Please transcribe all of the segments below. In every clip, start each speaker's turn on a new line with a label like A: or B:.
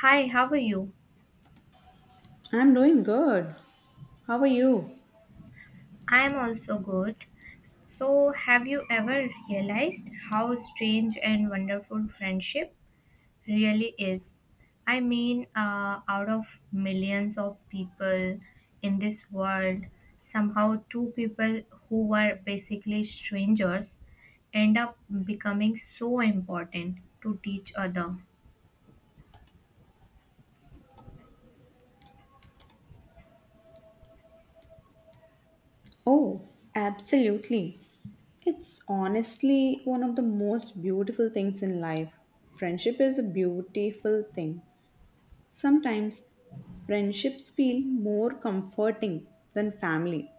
A: Hi, how are you?
B: I'm doing good. How are you?
A: I am also good. So, have you ever realized how strange and wonderful friendship really is? I mean, out of millions of people in this world, somehow two people who were basically strangers end up becoming so important to each other.
B: Oh, absolutely. It's honestly one of the most beautiful things in life. Friendship is a beautiful thing. Sometimes friendships feel more comforting than family.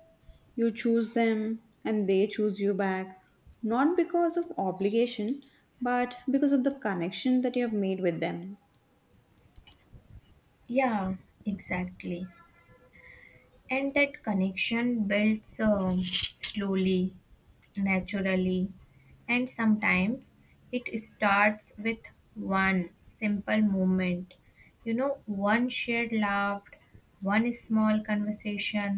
B: You choose them and they choose you back, not because of obligation, but because of the connection that you have made with them.
A: Yeah, exactly. And that connection builds slowly, naturally, and sometimes it starts with one simple moment, you know, one shared laugh, one small conversation,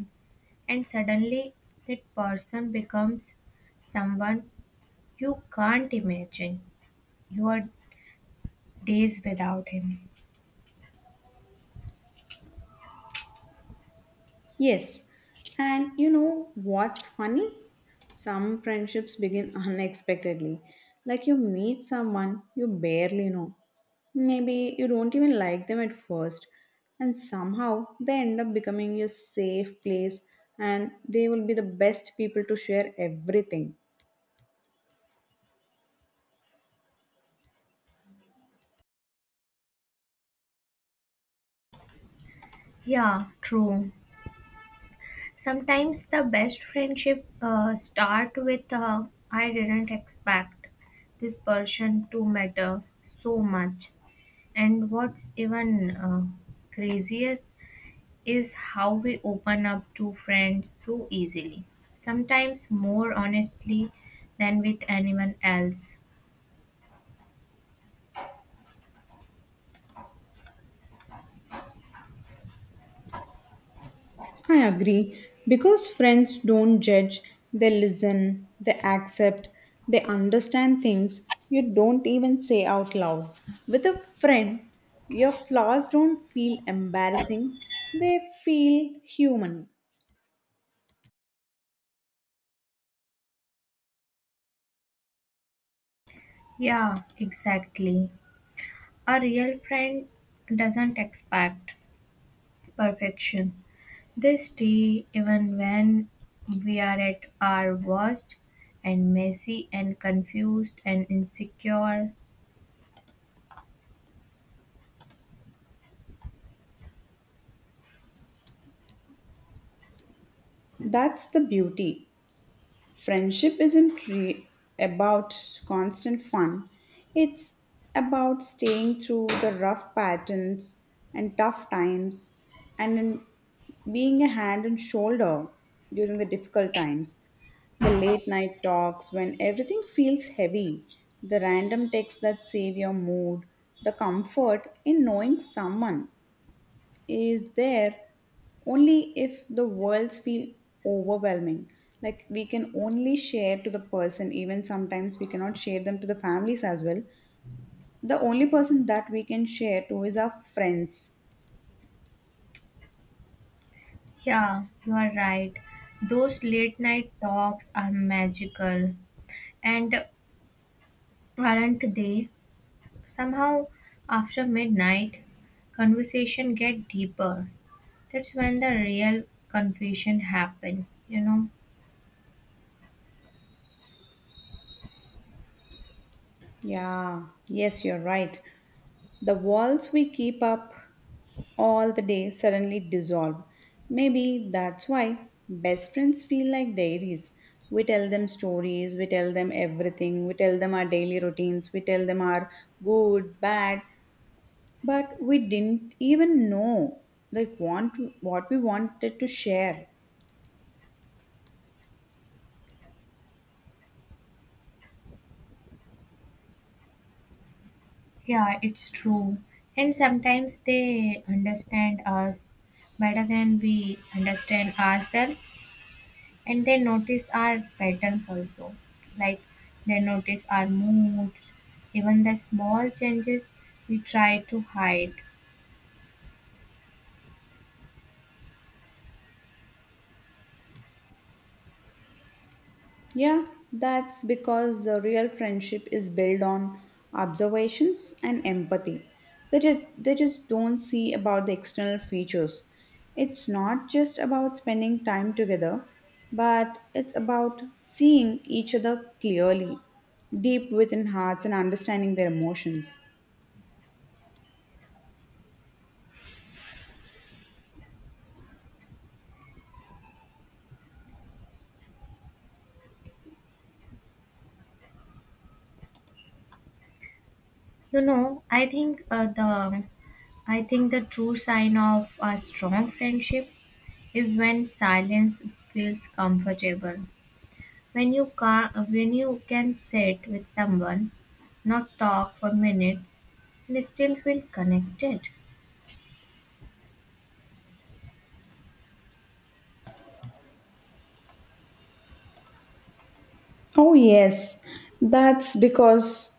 A: and suddenly that person becomes someone you can't imagine your days without him.
B: Yes, and you know what's funny? Some friendships begin unexpectedly. Like you meet someone you barely know. Maybe you don't even like them at first, and somehow they end up becoming your safe place and they will be the best people to share everything.
A: Yeah, true. Sometimes the best friendship start with I didn't expect this person to matter so much. And what's even craziest is how we open up to friends so easily, sometimes more honestly than with anyone else.
B: I agree. Because friends don't judge, they listen, they accept, they understand things you don't even say out loud. With a friend, your flaws don't feel embarrassing, they feel human.
A: Yeah, exactly. A real friend doesn't expect perfection. They stay even when we are at our worst and messy and confused and insecure.
B: That's the beauty. Friendship isn't re- about constant fun, it's about staying through the rough patterns and tough times and in being a hand and shoulder during the difficult times. The late night talks when everything feels heavy, the random texts that save your mood, the comfort in knowing someone is there only if the worlds feel overwhelming. Like we can only share to the person, even sometimes we cannot share them to the families as well. The only person that we can share to is our friends.
A: Yeah, you are right. Those late night talks are magical. And aren't they? Somehow, after midnight, conversation get deeper. That's when the real confusion happen, you know.
B: Yeah, yes, you're right. The walls we keep up all the day suddenly dissolve. Maybe that's why best friends feel like diaries. We tell them stories, we tell them everything, we tell them our daily routines, we tell them our good, bad, but we didn't even know like want what we wanted to share.
A: Yeah, it's true. And sometimes they understand us better than we understand ourselves, and they notice our patterns also. Like they notice our moods, even the small changes we try to hide.
B: Yeah, that's because the real friendship is built on observations and empathy. They just don't see about the external features. It's not just about spending time together, but it's about seeing each other clearly, deep within hearts, and understanding their emotions.
A: You know, I think the true sign of a strong friendship is when silence feels comfortable. When you can sit with someone, not talk for minutes, and still feel connected.
B: Oh, yes, that's because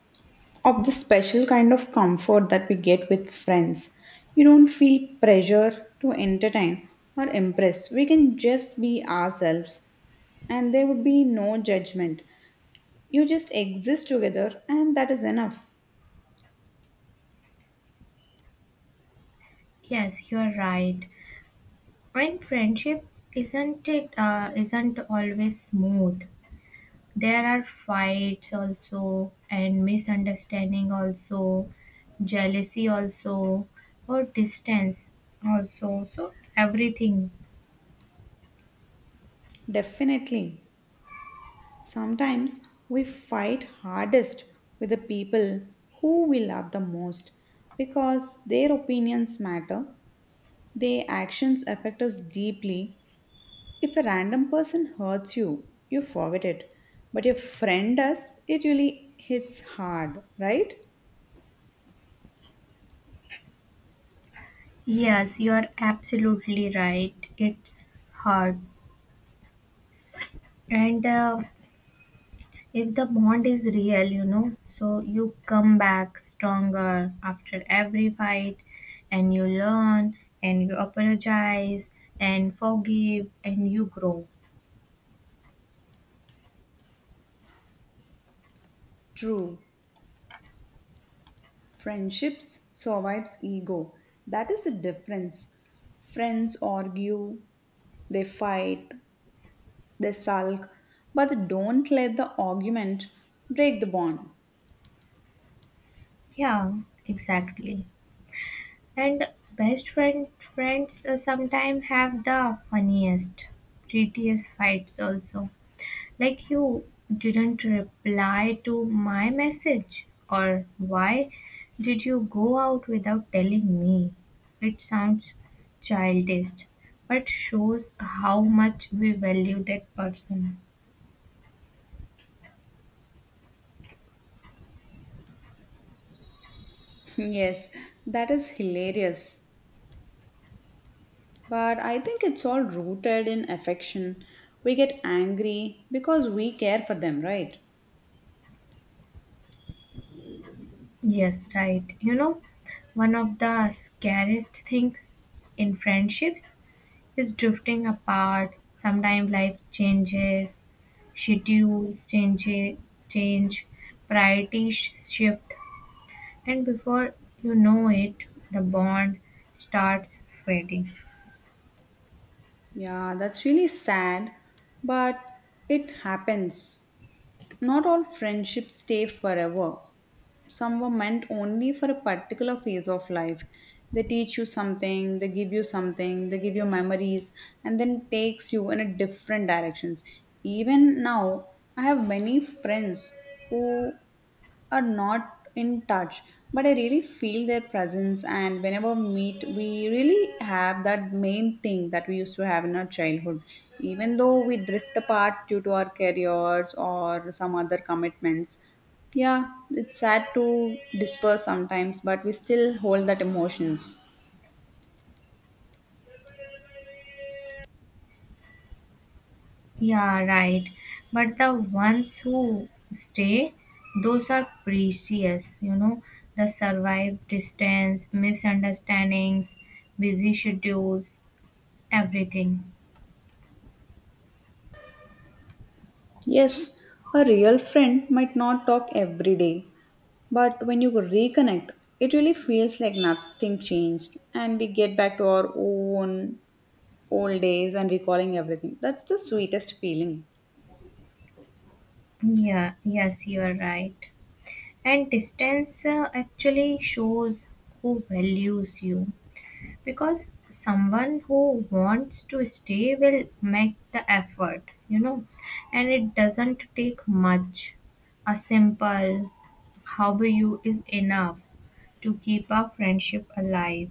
B: of the special kind of comfort that we get with friends. You don't feel pressure to entertain or impress. We can just be ourselves and there would be no judgment. You just exist together and that is enough.
A: Yes, you're right. And friendship isn't always smooth. There are fights also, and misunderstanding also, jealousy also, or distance also. So everything.
B: Definitely. Sometimes we fight hardest with the people who we love the most because their opinions matter, their actions affect us deeply. If a random person hurts you, you forget it. But if friend does, it really hits hard, right?
A: Yes, you are absolutely right. It's hard, and if the bond is real, you know, so you come back stronger after every fight and you learn and you apologize and forgive and you grow.
B: True. Friendships survives ego. That is the difference. Friends argue, they fight, they sulk, but they don't let the argument break the bond.
A: Yeah, exactly. And best friend friends sometimes have the funniest, prettiest fights also. Like you didn't reply to my message, or why did you go out without telling me? It sounds childish, but shows how much we value that person.
B: Yes, that is hilarious. But I think it's all rooted in affection. We get angry because we care for them, right?
A: Yes, right. You know, one of the scariest things in friendships is drifting apart. Sometimes life changes, schedules change, change priorities shift, and before you know it, the bond starts fading.
B: Yeah, that's really sad, but it happens. Not all friendships stay forever. Some were meant only for a particular phase of life. They teach you something, they give you something, they give you memories, and then takes you in a different directions. Even now, I have many friends who are not in touch, but I really feel their presence, and whenever we meet, we really have that main thing that we used to have in our childhood, even though we drift apart due to our careers or some other commitments. Yeah, it's sad to disperse sometimes, but we still hold that emotions.
A: Yeah, right. But the ones who stay, those are precious, you know, the survive distance, misunderstandings, busy schedules, everything.
B: Yes, a real friend might not talk every day, but when you reconnect, it really feels like nothing changed and we get back to our own old days and recalling everything. That's the sweetest feeling.
A: Yeah, yes, you are right. And distance actually shows who values you, because someone who wants to stay will make the effort, you know, and it doesn't take much. A simple how are you is enough to keep our friendship alive.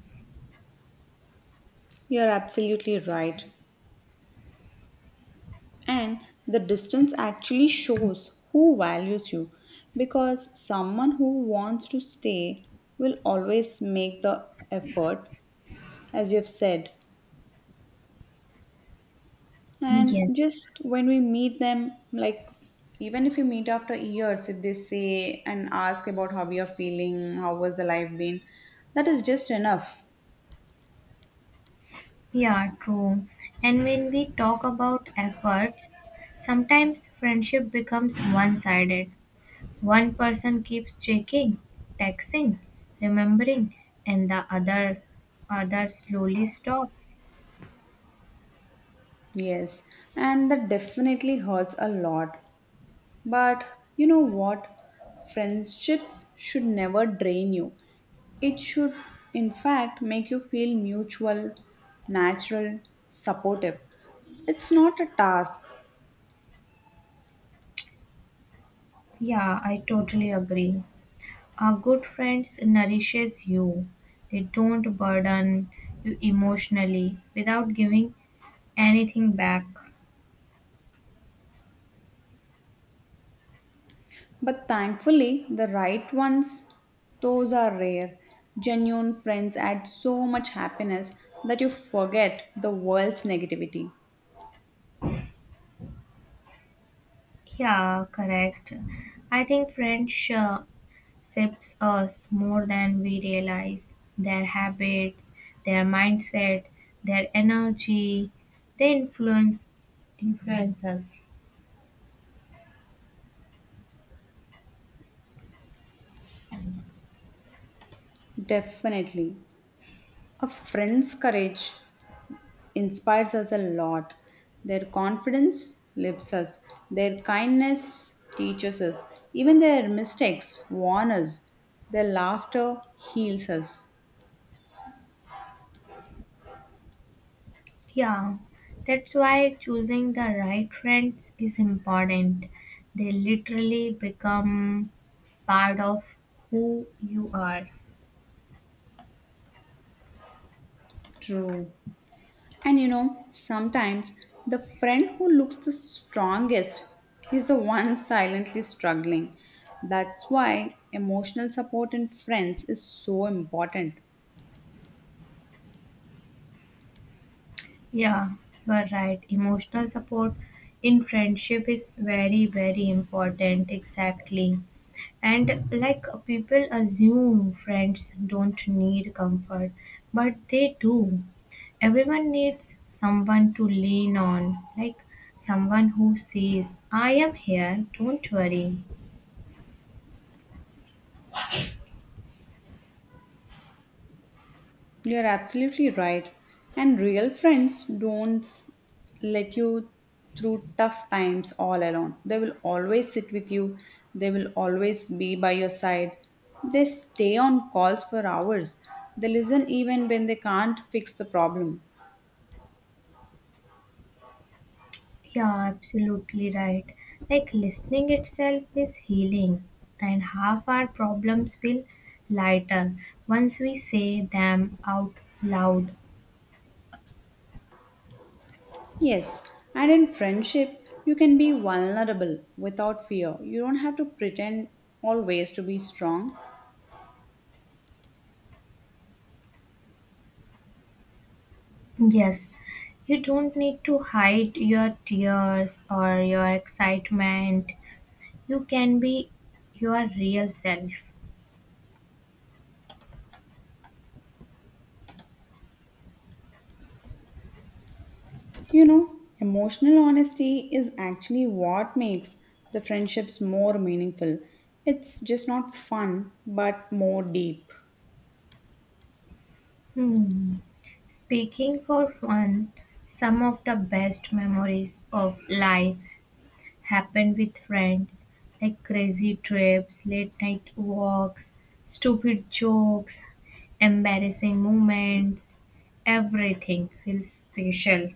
B: You're absolutely right. And the distance actually shows who values you, because someone who wants to stay will always make the effort, as you've said. And
A: Yes.
B: just when we meet them, like, even if you meet after years, if they say and ask about how you're feeling, how was the life been, that is just enough.
A: Yeah, true. And when we talk about efforts, sometimes friendship becomes one-sided. One person keeps checking, texting, remembering, and the other slowly stops.
B: Yes, and that definitely hurts a lot. But you know what? Friendships should never drain you. It should, in fact, make you feel mutual, natural, supportive. It's not a task,
A: Yeah, I totally agree. Our good friends nourishes you. They don't burden you emotionally without giving anything back.
B: but thankfully, the right ones, those are rare. Genuine friends add so much happiness that you forget the world's negativity.
A: Yeah, correct. I think friendship shapes us more than we realize. Their habits, their mindset, their energy, they influence us.
B: Definitely. A friend's courage inspires us a lot. Their confidence lifts us, their kindness teaches us, even their mistakes warn us, their laughter heals us.
A: Yeah, that's why choosing the right friends is important. They literally become part of who you are.
B: True. And you know, sometimes the friend who looks the strongest is the one silently struggling. That's why emotional support in friends is so important.
A: Yeah, you are right. Emotional support in friendship is very, very important. Exactly. And like people assume friends don't need comfort, but they do. Everyone needs someone to lean on, like someone who says, I am here, don't worry.
B: You're absolutely right. And real friends don't let you through tough times all alone. They will always sit with you, they will always be by your side. They stay on calls for hours. They listen even when they can't fix the problem.
A: Yeah, absolutely right. Like listening itself is healing, and half our problems feel lighter once we say them out loud.
B: Yes, and in friendship, you can be vulnerable without fear. You don't have to pretend always to be strong.
A: Yes, you don't need to hide your tears or your excitement. You can be your real self.
B: You know, emotional honesty is actually what makes the friendships more meaningful. It's just not fun, but more deep.
A: Hmm. Speaking for fun, some of the best memories of life happened with friends, like crazy trips, late night walks, stupid jokes, embarrassing moments. Everything feels special.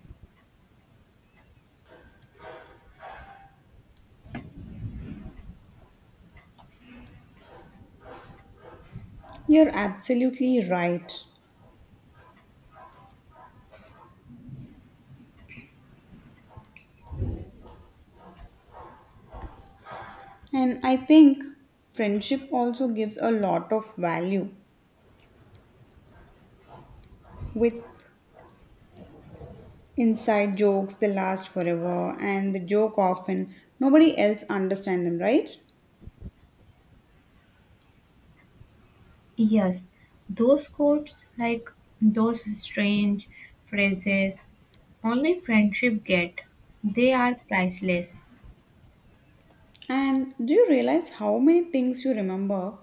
B: You're absolutely right. And I think friendship also gives a lot of value. With inside jokes, they last forever, and the joke often nobody else understands them, right?
A: Yes, those quotes, like those strange phrases, only friendship get. They are priceless.
B: And do you realize how many things you remember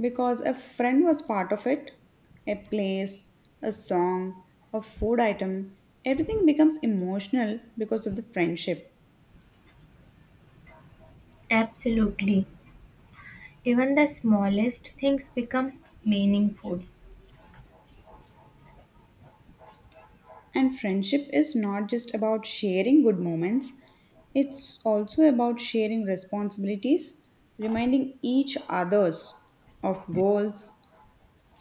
B: because a friend was part of it. A place, a song, a food item, everything becomes emotional because of the friendship.
A: Absolutely. Even the smallest things become meaningful.
B: And friendship is not just about sharing good moments, it's also about sharing responsibilities, reminding each others of goals,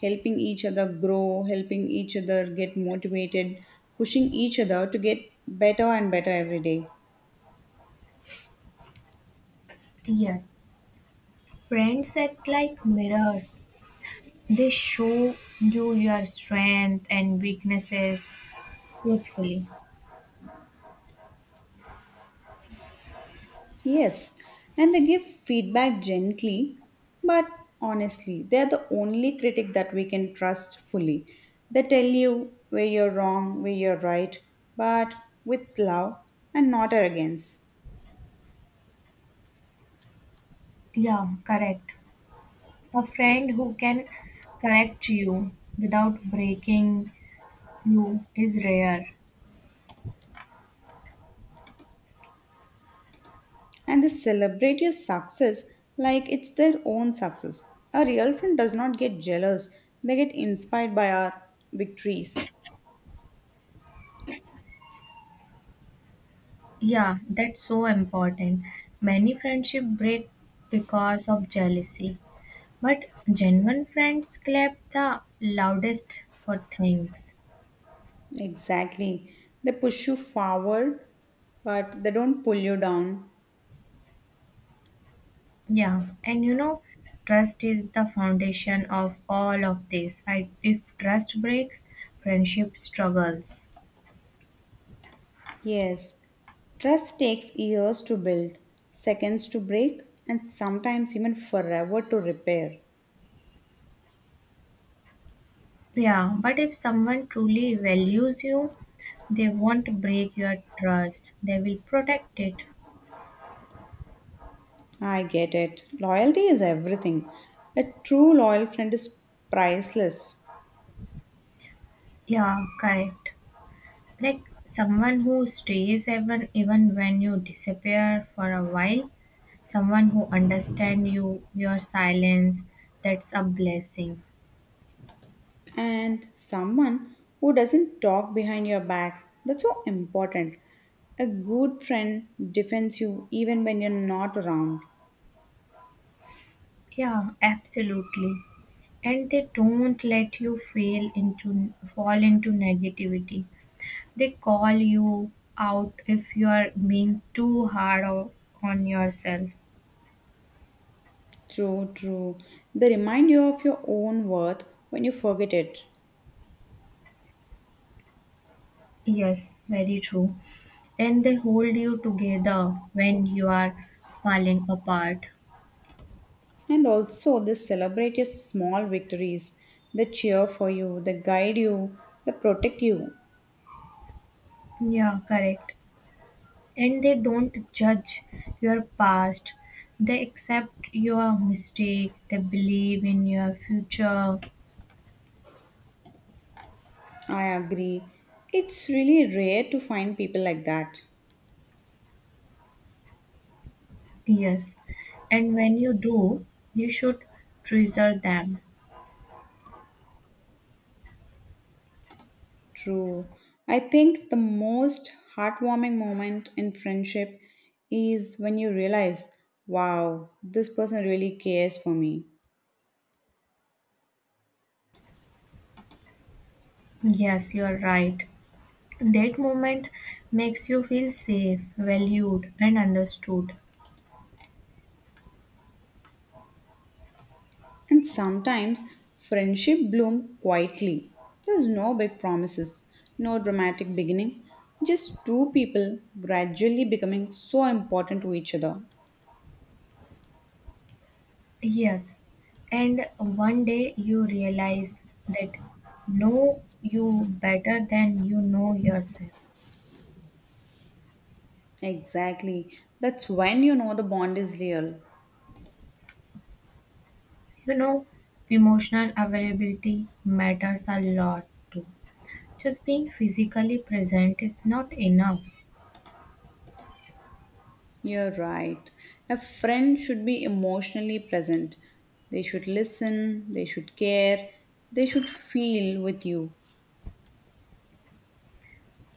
B: helping each other grow, helping each other get motivated, pushing each other to get better and better every day.
A: Yes, friends act like mirrors. They show you your strengths and weaknesses truthfully.
B: Yes, and they give feedback gently, but honestly, they're the only critic that we can trust fully. They tell you where you're wrong, where you're right, but with love and not arrogance.
A: Yeah, correct. A friend who can correct you without breaking you is rare.
B: And they celebrate your success like it's their own success. A real friend does not get jealous, they get inspired by our victories.
A: Yeah, that's so important. Many friendship break because of jealousy, but genuine friends clap the loudest for things.
B: Exactly. They push you forward, but they don't pull you down.
A: Yeah, and you know, trust is the foundation of all of this. If trust breaks, friendship struggles.
B: Yes, trust takes years to build, seconds to break, and sometimes even forever to repair.
A: Yeah, but if someone truly values you, they won't break your trust, they will protect it.
B: I get it. Loyalty is everything. A true loyal friend is priceless.
A: Yeah, correct. Like someone who stays even when you disappear for a while, someone who understands you, your silence, that's a blessing.
B: And someone who doesn't talk behind your back, that's so important. A good friend defends you even when you're not around.
A: Yeah, absolutely. And they don't let you fail into fall into negativity. They call you out if you are being too on yourself.
B: True, true. They remind you of your own worth when you forget it.
A: Yes, very true. And they hold you together when you are falling apart.
B: And also, they celebrate your small victories. They cheer for you, they guide you, they protect you.
A: Yeah, correct. And they don't judge your past. They accept your mistake. They believe in your future.
B: I agree. It's really rare to find people like that.
A: Yes. And when you do, you should treasure them.
B: True. I think the most heartwarming moment in friendship is when you realize, wow, this person really cares for me.
A: Yes, you are right. That moment makes you feel safe, valued, and understood.
B: And sometimes friendship bloom quietly. There's no big promises, no dramatic beginning, just two people gradually becoming so important to each other.
A: Yes. And one day you realize that know you better than you know yourself.
B: Exactly. That's when you know the bond is real.
A: You know, emotional availability matters a lot too. Just being physically present is not enough.
B: You're right. A friend should be emotionally present. They should listen, they should care, they should feel with you.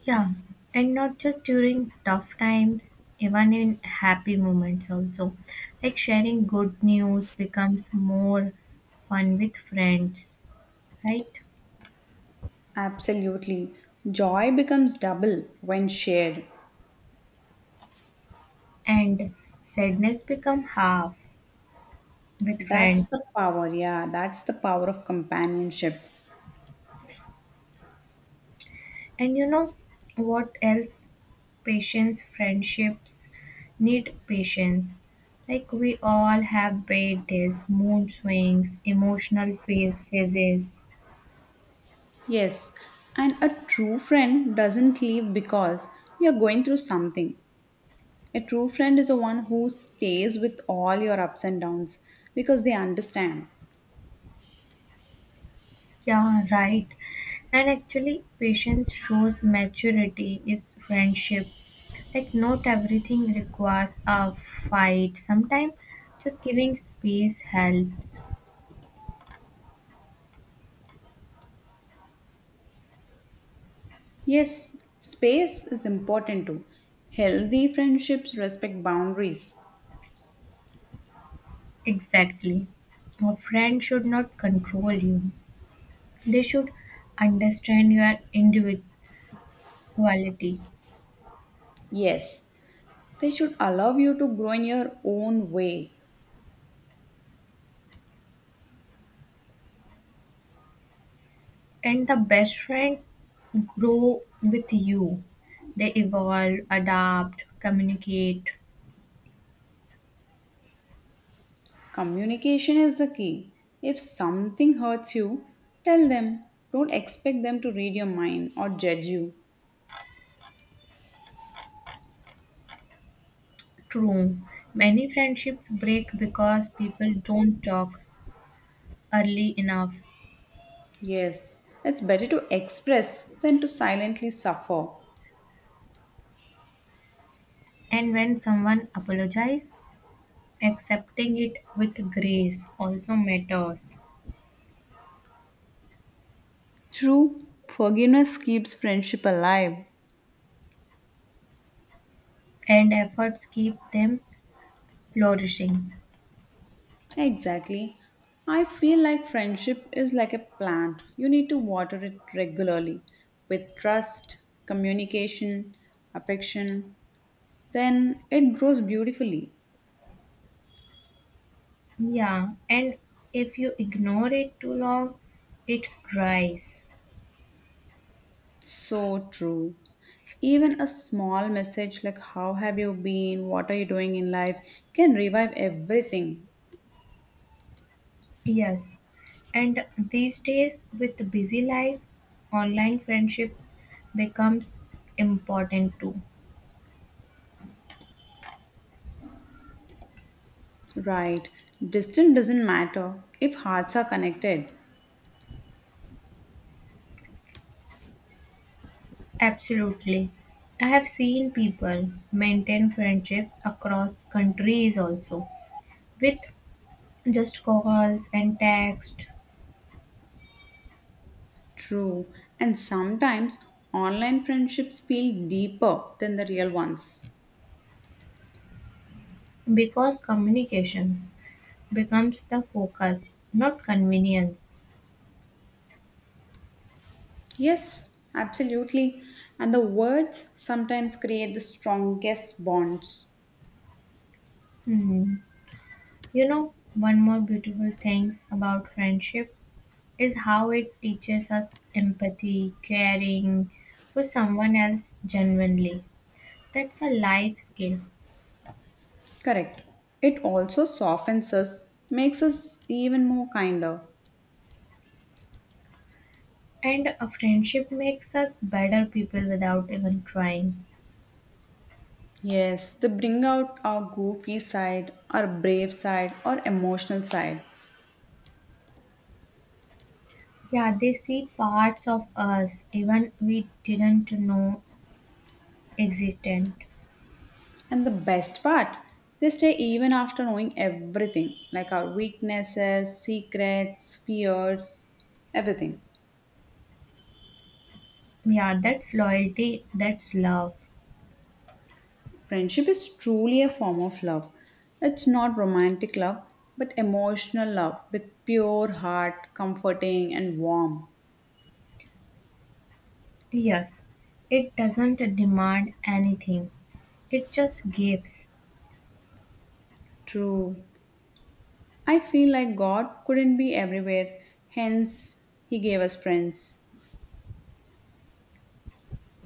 A: Yeah, and not just during tough times, even in happy moments also. Like sharing good news becomes more fun with friends, right?
B: Absolutely. Joy becomes double when shared.
A: And sadness become half with
B: That's
A: friends.
B: the power, yeah. That's the power of companionship.
A: And you know what else? Patience, friendships need patience. Like we all have bad days, mood swings, emotional phases.
B: Yes. And a true friend doesn't leave because you're going through something. A true friend is the one who stays with all your ups and downs because they understand.
A: Yeah, right. And actually, patience shows maturity is friendship. Like, not everything requires a fight. Sometimes just giving space helps.
B: Yes, space is important too. Healthy friendships respect boundaries.
A: Exactly. A friend should not control you, they should understand your individuality.
B: Yes, they should allow you to grow in your own way.
A: And the best friend grow with you, they evolve, adapt, communicate.
B: Communication is the key. If something hurts you, tell them. Don't expect them to read your mind or judge you.
A: True. Many friendships break because people don't talk early enough.
B: Yes, it's better to express than to silently suffer.
A: And when someone apologizes, accepting it with grace also matters.
B: True, forgiveness keeps friendship alive.
A: And efforts keep them flourishing.
B: Exactly. I feel like friendship is like a plant. You need to water it regularly with trust, communication, affection. Then it grows beautifully.
A: Yeah, and if you ignore it too long, it dries.
B: So true. Even a small message like, how have you been? What are you doing in life? Can revive everything.
A: Yes. And these days with busy life, online friendships becomes important too.
B: Right. Distance doesn't matter if hearts are connected.
A: Absolutely. I have seen people maintain friendships across countries also with just calls and text,
B: True. And sometimes online friendships feel deeper than the real ones.
A: because communications becomes the focus, not convenience.
B: Yes, absolutely. And the words sometimes create the strongest bonds.
A: Hmm. You know, one more beautiful thing about friendship is how it teaches us empathy, caring for someone else genuinely. That's a life skill.
B: Correct. It also softens us, makes us even more kinder.
A: And a friendship makes us better people without even trying.
B: Yes, they bring out our goofy side, our brave side, our emotional side.
A: Yeah, they see parts of us even we didn't know existent.
B: And the best part, they stay even after knowing everything like our weaknesses, secrets, fears, everything.
A: Yeah, that's loyalty, that's love.
B: Friendship is truly a form of love. It's not romantic love, but emotional love with pure heart, comforting, and warm.
A: Yes, it doesn't demand anything, it just gives.
B: True. I feel like God couldn't be everywhere, hence, He gave us friends.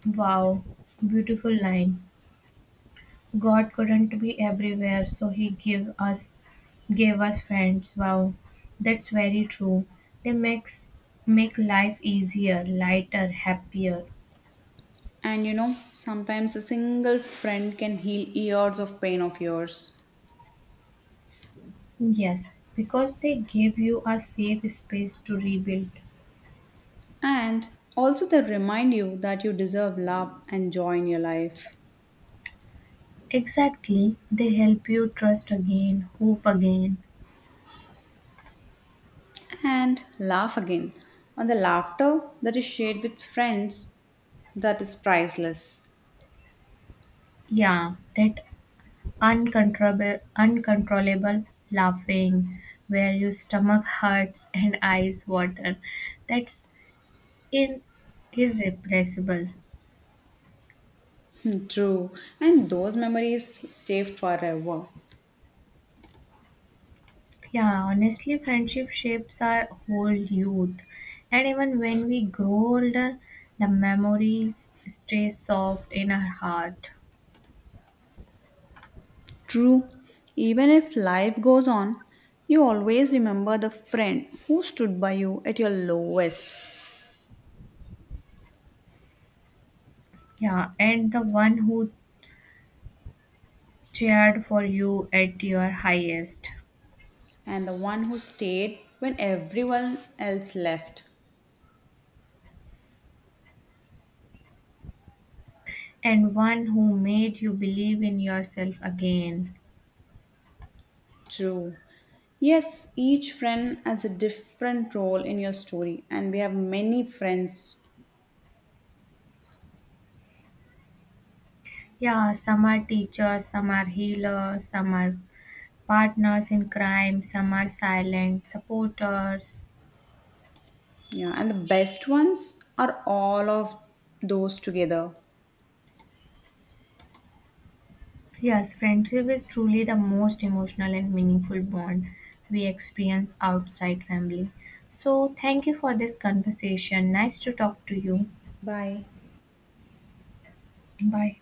A: Wow, beautiful line. God couldn't be everywhere, so He gave us friends. Wow, that's very true. They make life easier, lighter, happier.
B: And you know, sometimes a single friend can heal years of pain of yours.
A: Yes, because they give you a safe space to rebuild.
B: And also, they remind you that you deserve love and joy in your life.
A: Exactly. They help you trust again, hope again.
B: And laugh again. And the laughter that is shared with friends, that is priceless.
A: Yeah, that uncontrollable laughing where your stomach hurts and eyes water. That's in irrepressible.
B: Hmm, true. And those memories stay forever.
A: Yeah, honestly, friendship shapes our whole youth. And even when we grow older, the memories stay soft in our heart.
B: True. Even if life goes on, you always remember the friend who stood by you at your lowest,
A: Yeah, and the one who cheered for you at your highest,
B: and the one who stayed when everyone else left.
A: and one who made you believe in yourself again.
B: True. Yes, each friend has a different role in your story, and we have many friends.
A: Yeah, some are teachers, some are healers, some are partners in crime, some are silent supporters.
B: Yeah, and the best ones are all of those together.
A: Yes, friendship is truly the most emotional and meaningful bond we experience outside family. So, thank you for this conversation. Nice to talk to you.
B: Bye.
A: Bye.